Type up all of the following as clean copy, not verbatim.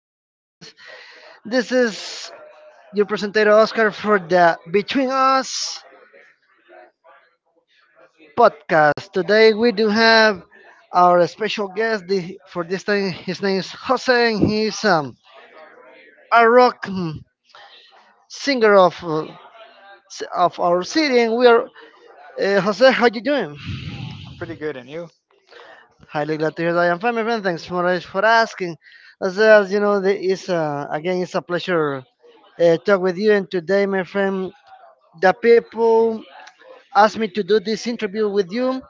Honduras. This is your presenter Oscar for the Between Us podcast. Today we do have our special guest for this time. His name is Jose, and he's a rock singer of of our city. And we are Jose. How you doing? I'm pretty good, and you? Highly glad to hear that I am fine, my friend. Thanks so much for asking. As you know, it's again it's a pleasure talk with you. And today, my friend, the people asked me to do this interview with you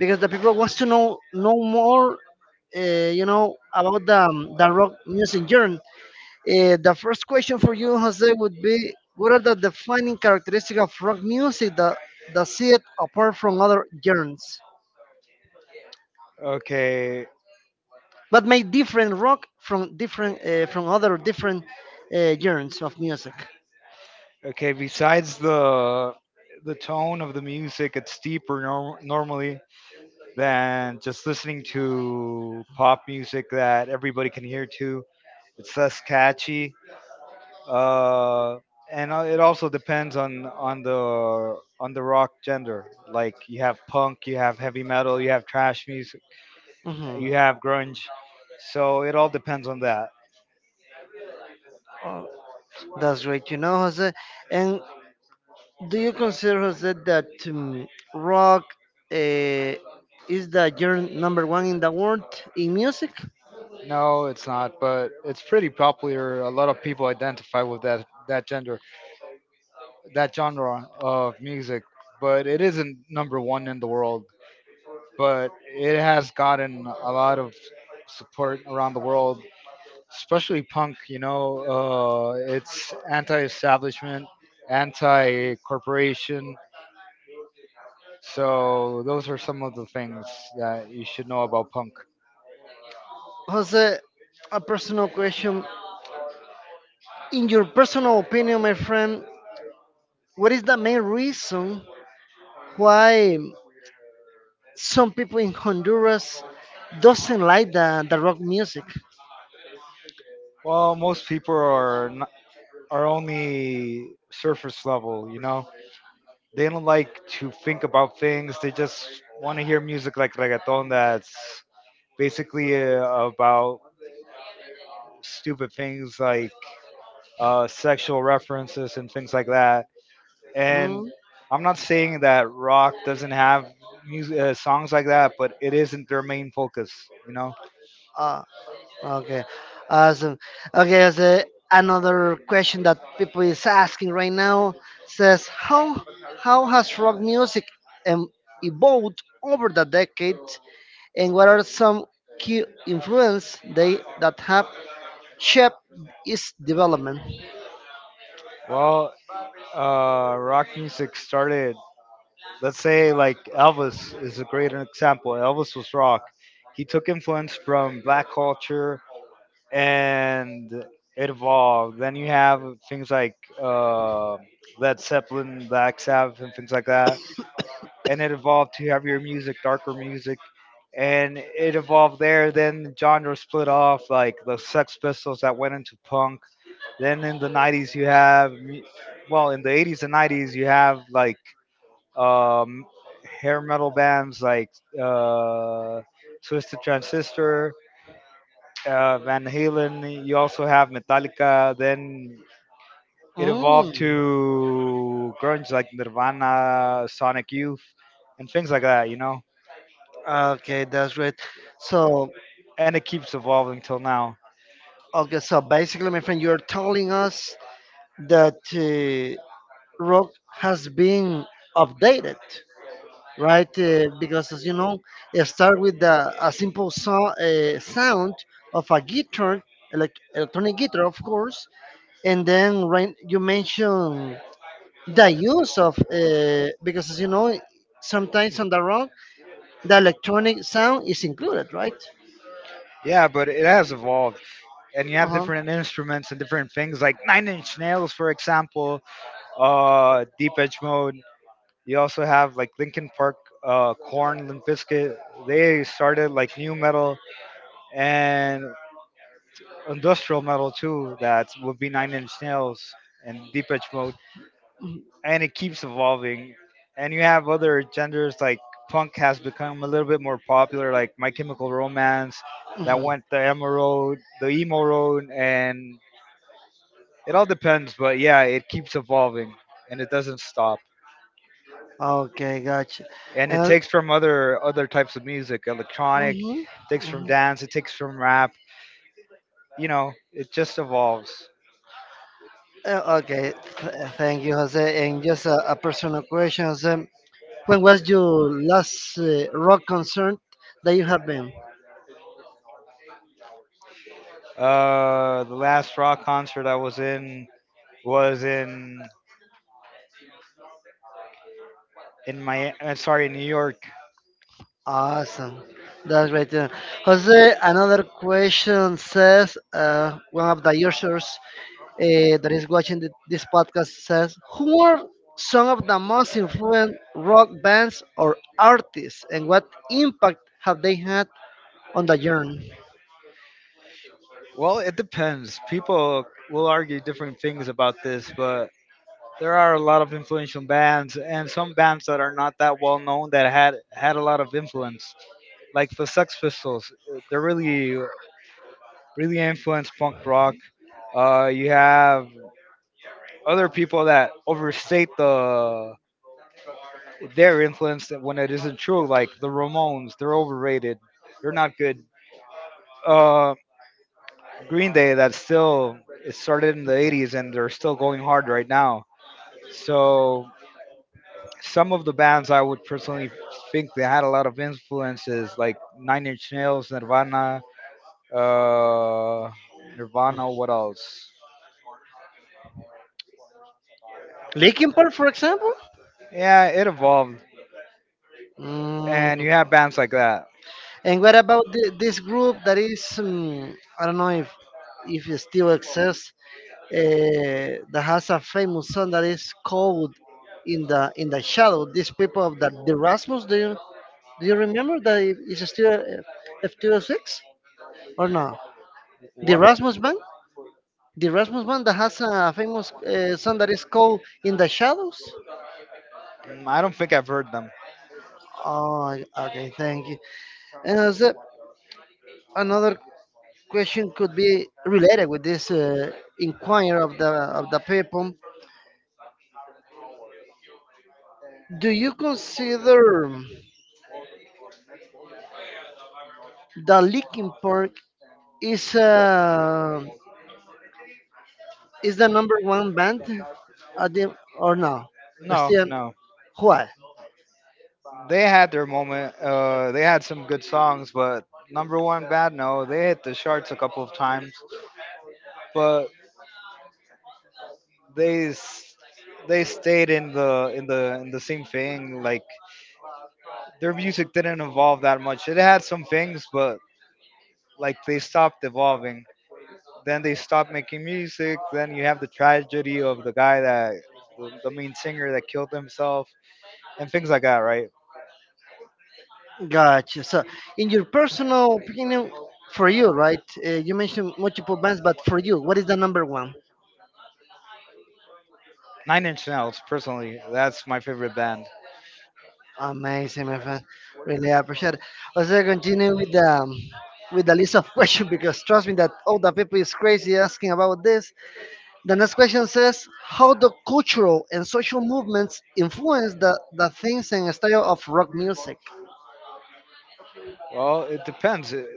because the people wants to know more about the rock music genre. The first question for you, Jose, would be: what are the defining characteristics of rock music that see it apart from other genres, Okay, but make different rock from other different genres of music? okay. Besides the tone of the music, it's deeper normally than just listening to pop music that everybody can hear too. It's less catchy. Uh, and It also depends on on the rock gender. Like you have punk, you have heavy metal, you have trash music, Mhm. you have grunge. So it all depends on that. That's great, Jose. And Do you consider, Jose, that rock uh, is the genre number one in the world in music? No, it's not, but it's pretty popular. A lot of people identify with that gender, that genre of music, but it isn't number one in the world. But it has gotten a lot of support around the world, especially punk. You know, it's anti-establishment, anti-corporation. So those are some of the things that you should know about punk. Jose, a personal question. In your personal opinion, my friend, what is the main reason why some people in Honduras doesn't like the rock music? Well, most people are n are only surface level, you know. They don't like to think about things. They just want to hear music like reggaeton that's basically about stupid things like sexual references and things like that. Mm, And I'm not saying that rock doesn't have music, songs like that, but it isn't their main focus, you know? uh, Okay, awesome. Okay, so another question that people is asking right now says how has rock music um, evolved over the decades, and what are some key influence they that have shaped its development? Well, rock music started, let's say, like Elvis is a great example. Elvis was rock. He took influence from black culture, and it evolved. Then you have things like Led Zeppelin, Black Sabbath, and things like that. And it evolved to heavier music, darker music, and it evolved there. Then genres split off, like the Sex Pistols that went into punk. Then in the '90s, you have, in the '80s and '90s, you have like um, hair metal bands like uh, Twisted Transistor, Van Halen. You also have Metallica. Then it Mm. evolved to grunge like Nirvana, Sonic Youth, and things like that. You know, Okay, that's great. So, and it keeps evolving till now. okay, so basically, my friend, you're telling us that rock has been updated. Right? Because as you know, it start with a simple sound of a guitar, electronic guitar, of course, and then right, you mention the use of because as you know, sometimes on the rock, the electronic sound is included, right? Yeah, but it has evolved, and you have Uh-huh. different instruments and different things like Nine Inch Nails, for example, Deep Edge Mode. You also have like Linkin Park, Korn, Limp Bizkit. They started like new metal, and industrial metal too, that would be Nine Inch Nails and Deep Edge Mode, and it keeps evolving. And you have other genders like punk has become a little bit more popular, like My Chemical Romance, that Mhm. went the emo road, and it all depends. But yeah, it keeps evolving and it doesn't stop. Okay, gotcha. And it Uh, takes from other types of music, electronic, mhm, takes from mhm. dance, it takes from rap. You know, it just evolves. Okay, thank you, Jose. And just a personal question, Jose. When was your last rock concert that you have been? The last rock concert I was in my sorry New York. Awesome. That's great. To Jose, another question says one of the users that is watching this podcast says, who are some of the most influential rock bands or artists, and what impact have they had on the journey? Well, it depends. People will argue different things about this, but there are a lot of influential bands and some bands that are not that well known that had a lot of influence, like the Sex Pistols. They really influenced punk rock. You have other people that overstate their influence when it isn't true, like the Ramones. They're overrated. They're not good. Um, Green Day that still it started in the '80s and they're still going hard right now. So some of the bands I would personally think they had a lot of influences like Nine Inch Nails, Nirvana, uh, Nirvana. What else? Linkin Park, for example? Yeah, it evolved, Mm. and you have bands like that. And what about this group that is, I don't know if it still exists, that has a famous song that is called "In the Shadow." These people of the Rasmus, do you remember that it's still F F26 or no? The What? Rasmus band, the Rasmus band that has a famous song that is called "In the Shadows." Mm, I don't think I've heard them. Oh, okay, thank you. And another question could be related with this inquiry of the people. Do you consider the Linkin Park is uh, is the number one band at or no? No, Still, no. what? They had their moment. They had some good songs, but number one bad, no. They hit the charts a couple of times, but they s- they stayed in the same thing. Like their music didn't evolve that much. It had some things, but like they stopped evolving. Then they stopped making music. Then you have the tragedy of the guy that the main singer that killed himself and things like that, right? Gotcha. So, in your personal opinion, for you, right? You mentioned multiple bands, but for you, what is the number one? Nine Inch Nails, personally, that's my favorite band. Amazing, my friend. Really appreciate it. Let's continue with the list of questions because trust me that all the people is crazy asking about this. The next question says how the cultural and social movements influence the things and style of rock music. Well, it depends.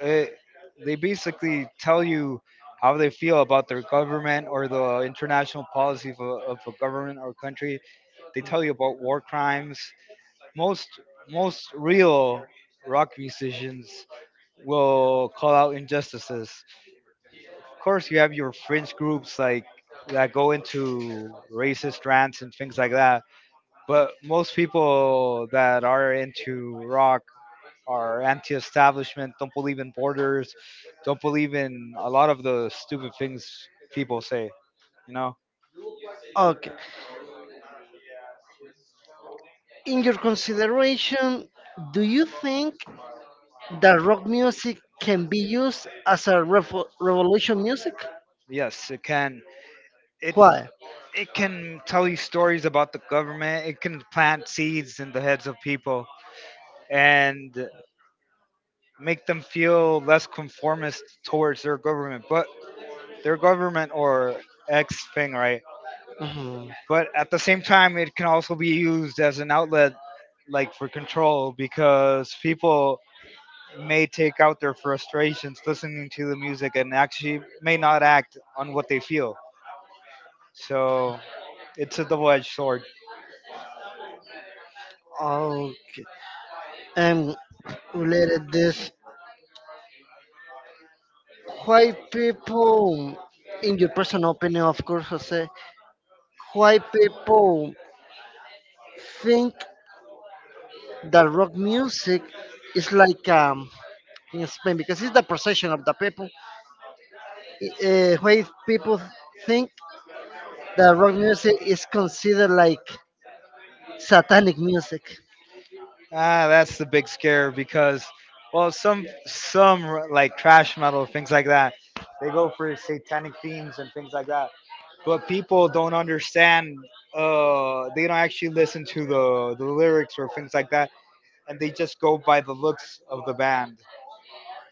it, they basically tell you how they feel about their government or the international policy of of a government or country. They tell you about war crimes. Most Most real rock musicians will call out injustices. Of course, you have your fringe groups like that go into racist rants and things like that. But most people that are into rock are anti-establishment, don't believe in borders, don't believe in a lot of the stupid things people say. You know, Okay. In your consideration, do you think that rock music can be used as a revolution music? yes, it can. It Why? It can tell you stories about the government. It can plant seeds in the heads of people and make them feel less conformist towards their government, but their government or X thing, right? Mhm. But at the same time, it can also be used as an outlet, like for control, because people may take out their frustrations listening to the music and actually may not act on what they feel. So it's a double edged sword. Okay. And related this, why people, in your personal opinion, of course, Jose, why people think that rock music is like, in Spain because it's the procession of the people, why people think that rock music is considered like satanic music. Ah, that's the big scare because, well, some like trash metal things like that, they go for satanic themes and things like that. But people don't understand. They don't actually listen to the lyrics or things like that, and they just go by the looks of the band,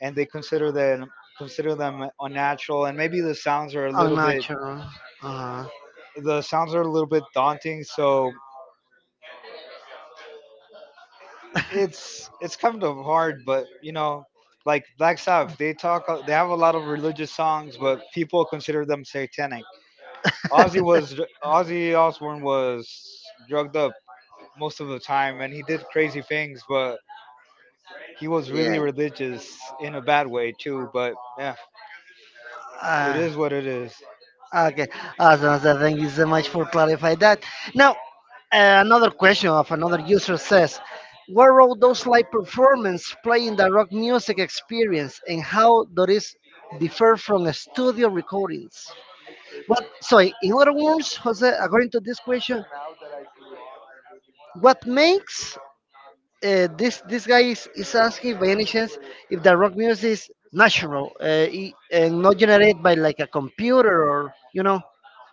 and they consider them unnatural, and maybe Unnatural. Uh-huh. the sounds are a little bit daunting. So it's kind of hard, but you know, like Black Sabbath, they talk, they have a lot of religious songs, but people consider them satanic. Ozzy Osbourne was drugged up most of the time, and he did crazy things, but he was really Yeah. religious in a bad way too. But yeah, it Uh, is what it is. okay. Awesome. So thank you so much for clarifying that. Now, another question of another user says, "What role does live performance play in the rock music experience, and how does it differ from studio recordings?" What? So, in other words, Jose, according to this question, what makes this guy is asking by any chance if the rock music is natural, and not generated by like a computer or you know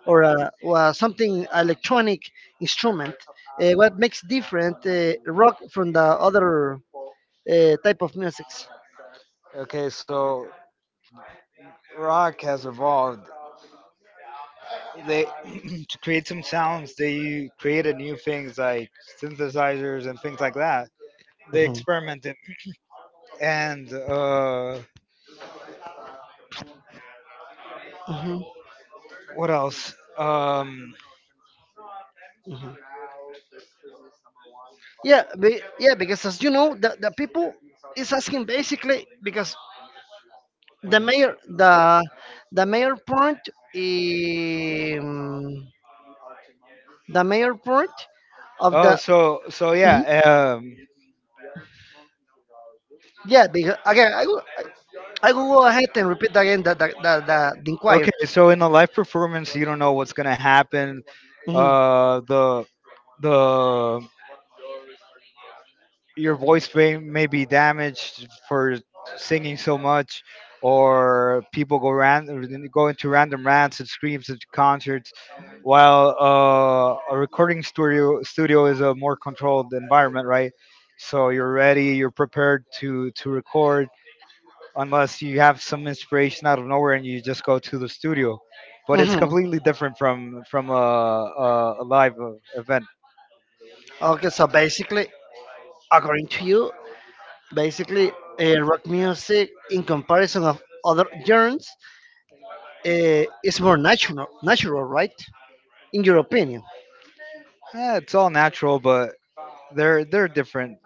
or a something electronic instrument. What makes different rock from the other type of musics? Okay, so rock has evolved. They to create some sounds, they created new things like synthesizers and things like that, they Mhm, experiment and mhm, what else? Mhm. Yeah, because as you know, the people is asking basically because What the else? mayor the the mayor part um, the mayor part of Oh, the. so so Mhm. yeah. Yeah, because again, I will go ahead and repeat again the inquiry. Okay, so in a live performance, you don't know what's gonna happen. Hmm. Uh, the the Your voice may be damaged for singing so much, or go into random rants and screams at concerts, while a recording studio is a more controlled environment, right? So you're ready, you're prepared to record, unless you have some inspiration out of nowhere and you just go to the studio. But it's Hmm. completely different from a live event. Okay, so basically, according to you, basically, rock music in comparison of other genres is more natural, right, in your opinion? Eh, it's all natural, but they're different.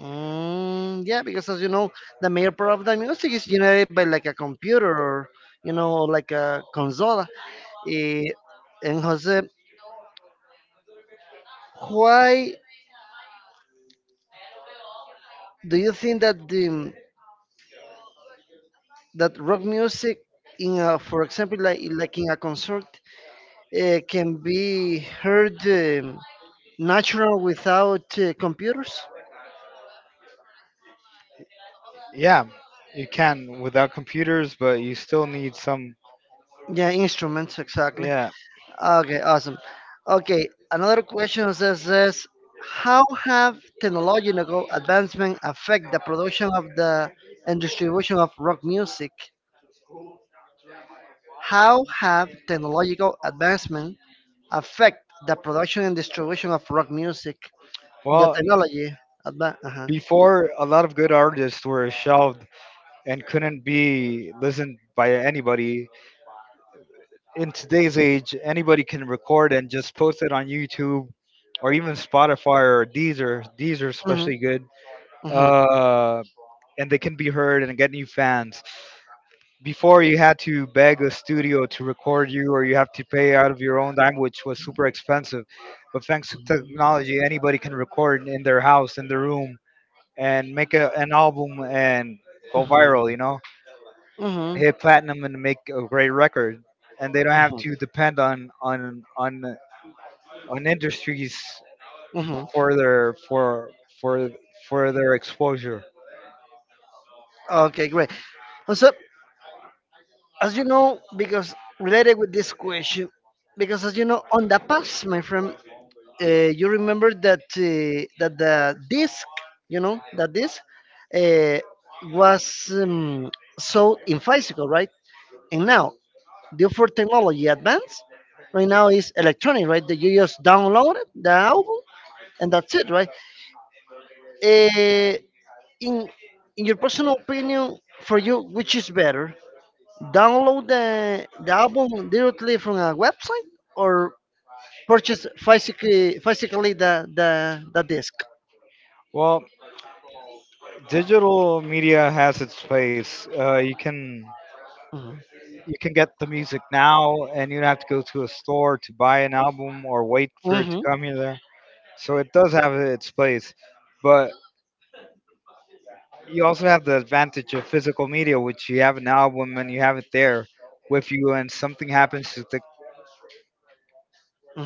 Mm, yeah, because as you know, the major part of the music is generated by like a computer or like a console. Eh, and Jose, why do you think that the that rock music for example, like in a concert, can be heard natural without computers? Yeah, you can without computers, but you still need some. Yeah, instruments, exactly. Yeah. Okay, awesome. Okay, another question says this: how have technological advancement affect the production of the and distribution of rock music? How have technological advancement affect the production and distribution of rock music? The Well, technology uh-huh. before, a lot of good artists were shelved and couldn't be listened by anybody. In today's age, anybody can record and just post it on YouTube or even Spotify or Deezer. Deezer is Hmm. especially good. Hmm. Uh, and they can be heard and get new fans. Before, you had to beg a studio to record you, or you have to pay out of your own dime, which was super expensive. But thanks to technology, anybody can record in their house, in their room, and make an album and go viral, you know, Hmm. and hit platinum and make a great record. And they don't have to Hmm. depend on industries Hmm. for their for for for their exposure. Okay, great. So, as you know, because related with this question, because as you know, on the past, my friend, you remember that the disc, you know, that disc uh, was sold in physical, right? And now, due for technology advance, right now is electronic, right? That you just download it, the album, and that's it, right? Uh, in in your personal opinion, for you, which is better? Download the album directly from a website or purchase physically the disc? Well, digital media has its place. You can Hmm. you can get the music now and you don't have to go to a store to buy an album or wait for it to Hmm. come here there. So it does have its place, but you also have the advantage of physical media, which you have an album and you have it there with you. And something happens to the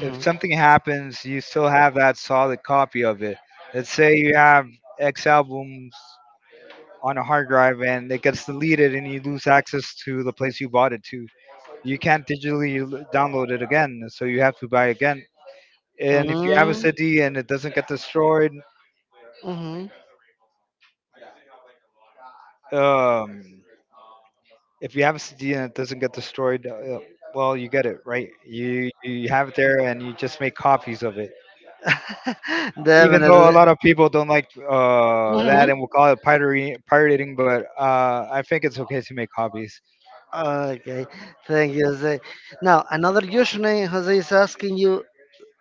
if something happens, you still have that solid copy of it. Let's say you have x albums on a hard drive and it gets deleted and you lose access to the place you bought it to, you can't digitally download it again, so you have to buy again. And if you have a city and it doesn't get destroyed, mm hmm um, if you have a city and it doesn't get destroyed, well, you get it, right. You have it there and you just make copies of it. Even though a Definitely. lot of people don't like that Hmm. and will call it pirating, but I think it's okay to make copies. Okay, thank you, Jose. Now, another username, Jose, is asking you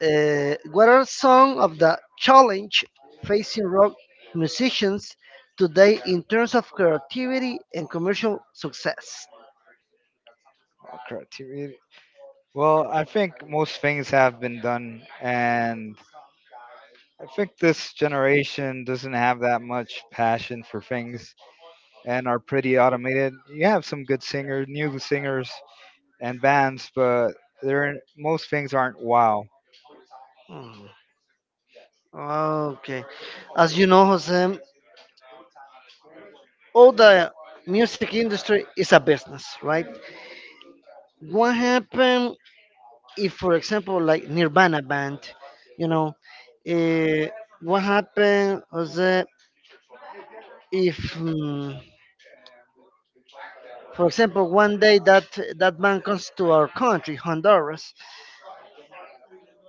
what are some of the challenge facing rock musicians today in terms of creativity and commercial success? Oh, crap, to read- Well, I think most things have been done, and I think this generation doesn't have that much passion for things, and are pretty automated. You have some good singers, new singers and bands, but there most things aren't wow. Mm-hmm. Okay. As you know, Jose, all the music industry is a business, right? What happened if, for example, like Nirvana band, you know, eh, what happened, Jose, if, for example, one day that band comes to our country, Honduras,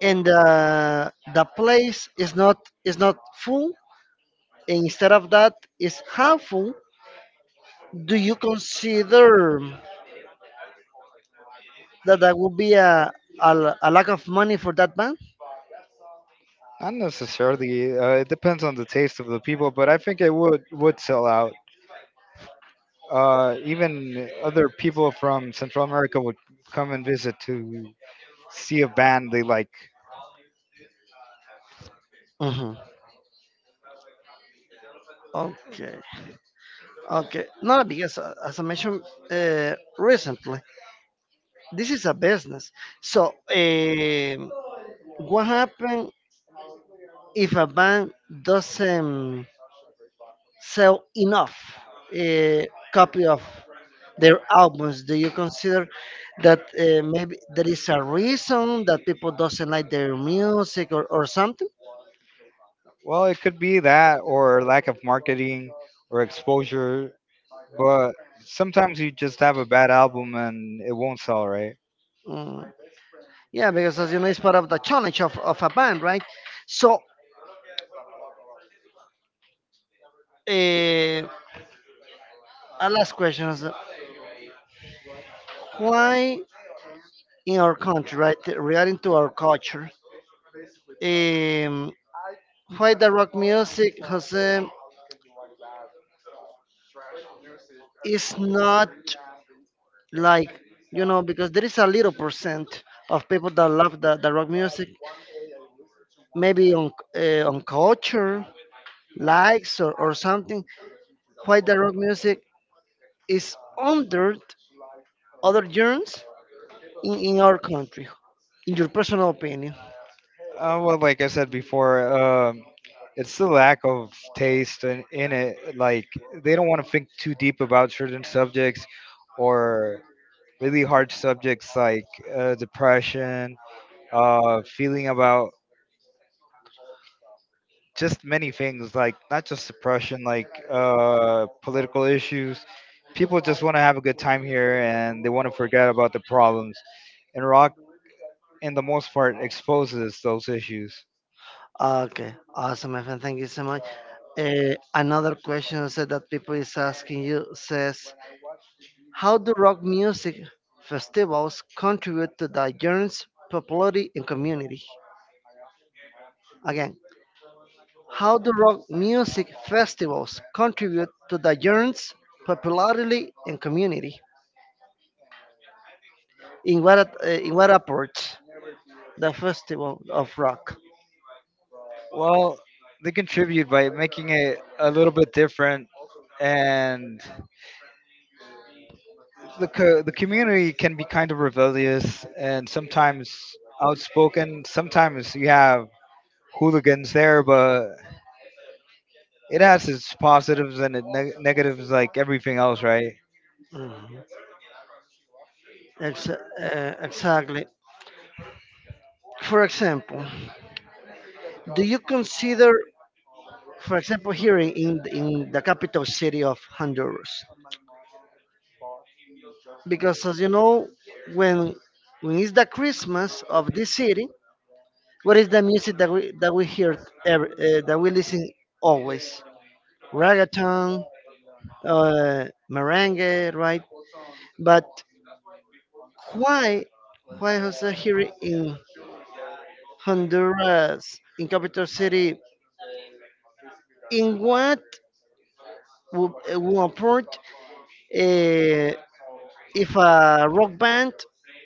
and the place is not full, and instead of that is half full. Do you consider that that would be a a lack of money for that band. Not necessarily. It depends on the taste of the people, but I think it would sell out. Even other people from Central America would come and visit to see a band they like. Hmm. Okay, okay. No, because as I mentioned recently, this is a business. So, what happens if a bank doesn't sell enough uh, copy of their albums? Do you consider that maybe there is a reason that people doesn't like their music, or something? Well, it could be that, or lack of marketing or exposure, but sometimes you just have a bad album and it won't sell, right? Mm. Yeah, because as you know, it's part of the challenge of a band, right? So, uh, a last question is why in our country, right, regarding to our culture, um, why the rock music, Jose, is not like, because there is a little percent of people that love the rock music, maybe on culture, likes, or something, why the rock music is under other genres in our country? In your personal opinion. Well, like I said before, it's the lack of taste in it. Like they don't want to think too deep about certain subjects or really hard subjects like depression, feeling about just many things, like not just depression, like political issues. People just want to have a good time here and they want to forget about the problems. And rock, in the most part, exposes those issues. Ah, okay, awesome, my friend. Thank you so much. Another question said that people is asking you says, how do rock music festivals contribute to the genre's popularity and community? Again, how do rock music festivals contribute to the genre's popularity and community? In what approach the festival of rock? Well, they contribute by making it a little bit different, and the community can be kind of rebellious and sometimes outspoken. Sometimes you have hooligans there, but it has its positives and it negatives like everything else, right? Mhm. Exactly. For example. Do you consider, for example, here in, the capital city of Honduras? Because as you know, when is the Christmas of this city, what is the music that we hear that we listen always? Reggaeton, uh, merengue, right? But why is that here in Honduras, in capital city? In what will approach, uh, if a rock band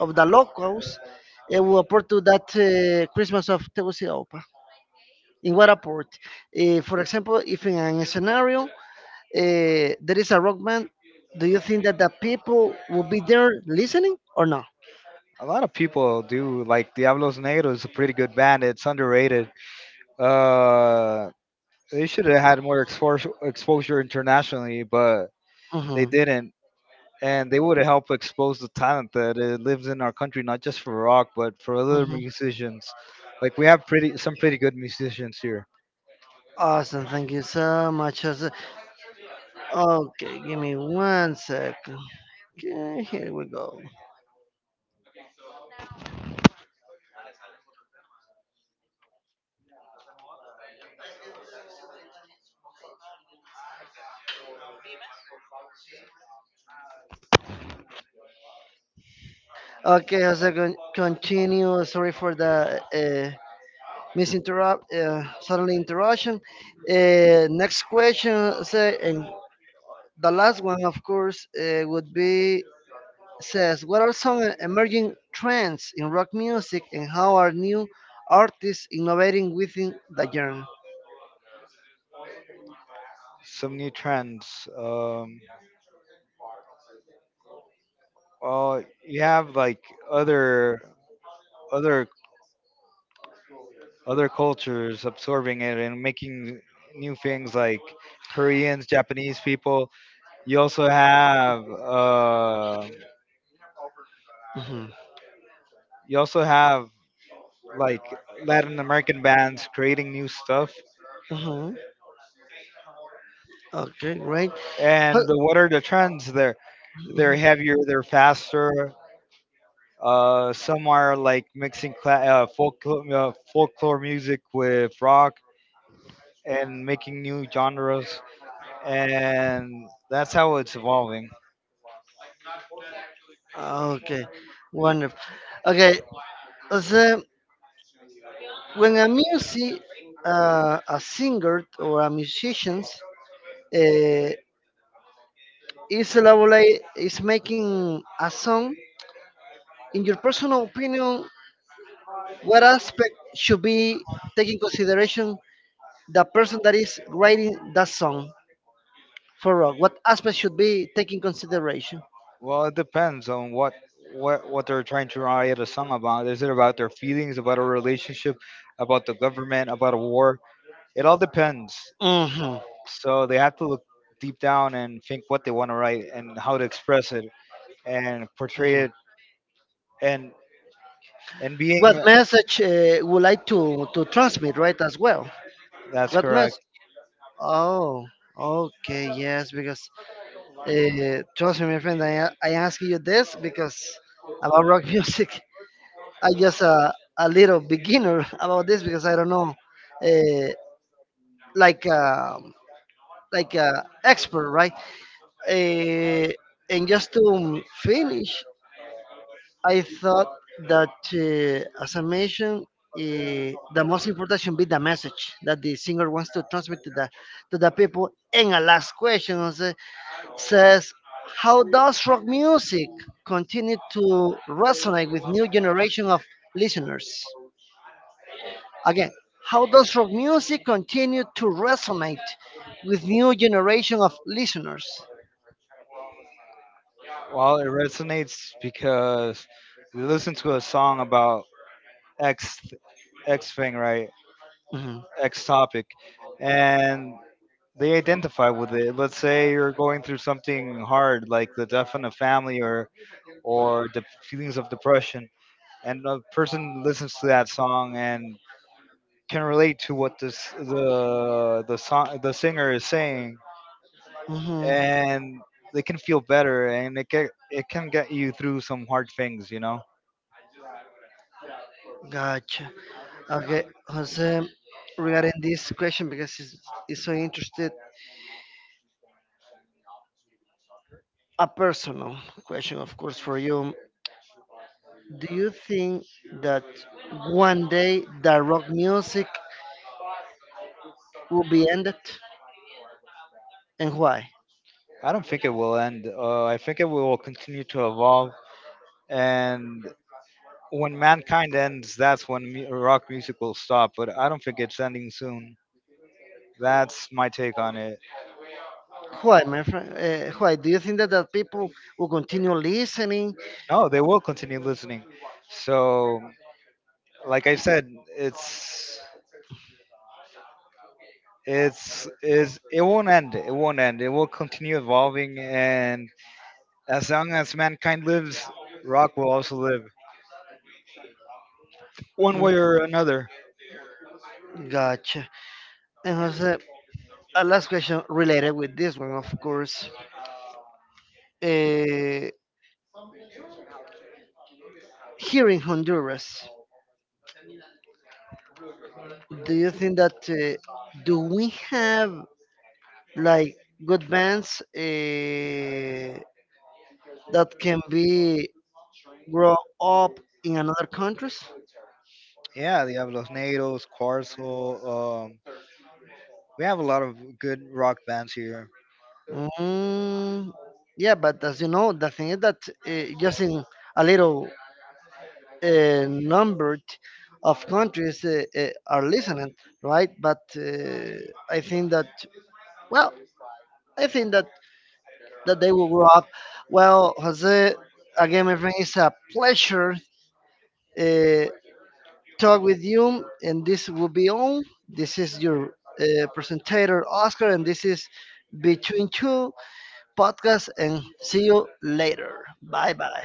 of the locals will appear to that Christmas of Tegucigalpa. In what port? For example, if in a scenario there is a rock band, do you think that the people will be there listening or no? A lot of people do like Diablos Negros is a pretty good band. It's underrated. Uh, they should have had more exposure internationally, but they Hmm. didn't, and they would help expose the talent that lives in our country, not just for rock, but for other Hmm. musicians. Like we have pretty some pretty good musicians here. Awesome, thank you so much, Jose. Okay, give me one second. Okay, here we go. Okay, Jose, continue. Sorry for the miss interrupt, suddenly interruption. Next question say, and the last one of course, would be, says, what are some emerging trends in rock music and how are new artists innovating within the genre? Some new trends. Well, you have like other other other cultures absorbing it and making new things like Koreans, Japanese people. You also have Mhm, you also have like Latin American bands creating new stuff. mhm. Okay, great. Huh, And the, what are the trends there? They're mhm. heavier, they're faster. Some are like mixing folklore music with rock and making new genres, and that's how it's evolving. Okay, wonderful. Okay, so when a singer or a musicians, uh, is making a song. In your personal opinion, what aspect should be taking consideration the person that is writing that song for rock? What aspect should be taking consideration? Well, it depends on what what they're trying to write a song about. Is it about their feelings, about a relationship, about the government, about a war? It all depends. Hmm. So they have to look deep down and think what they want to write and how to express it and portray it and and What being. message, would like to transmit, right? As well. That's What correct. message? Oh, okay, yes, because trust me, my friend, I ask you this because about rock music. I just a little beginner about this because I don't know, uh, like uh, like, expert, right? Uh, and just to finish, I thought that as I mentioned, the most important should be the message that the singer wants to transmit to the people. And a last question also says, how does rock music continue to resonate with new generation of listeners? Again, how does rock music continue to resonate with new generation of listeners? Well, it resonates because we listened to a song about X X thing, right? Hmm. X topic, and they identify with it. Let's say you're going through something hard, like the death in a family or the feelings of depression, and a person listens to that song and can relate to what this the song the singer is saying, Hmm. and they can feel better and it can get you through some hard things, you know. Gotcha. Okay, Jose, regarding this question, because it's so interested, a personal question, of course, for you. Do you think that one day the rock music will be ended, and why? I don't think it will end. I think it will continue to evolve, and when mankind ends, that's when rock music will stop. But I don't think it's ending soon. That's my take on it. Why, my friend? Why do you think that people will continue listening? No, they will continue listening. So like I said, it's it won't end, it will continue evolving. And as long as mankind lives, rock will also live, one Mm, way or another. gotcha. And Jose, a last question related with this one, of course. Uh, Here in Honduras, do you think that do we have like good bands that can be grow up in another countries? Yeah, the Los Nados, Quarzel. We have a lot of good rock bands here. Mm, yeah, but as you know, the thing is that just in a little number of countries are listening, right? But I think that Well, I think that they will grow up. Well, Jose, again, my friend, it's a pleasure uh, talk with you, and this will be all. This is your presenter, Oscar, and this is Between Two Podcast. And see you later. Bye bye.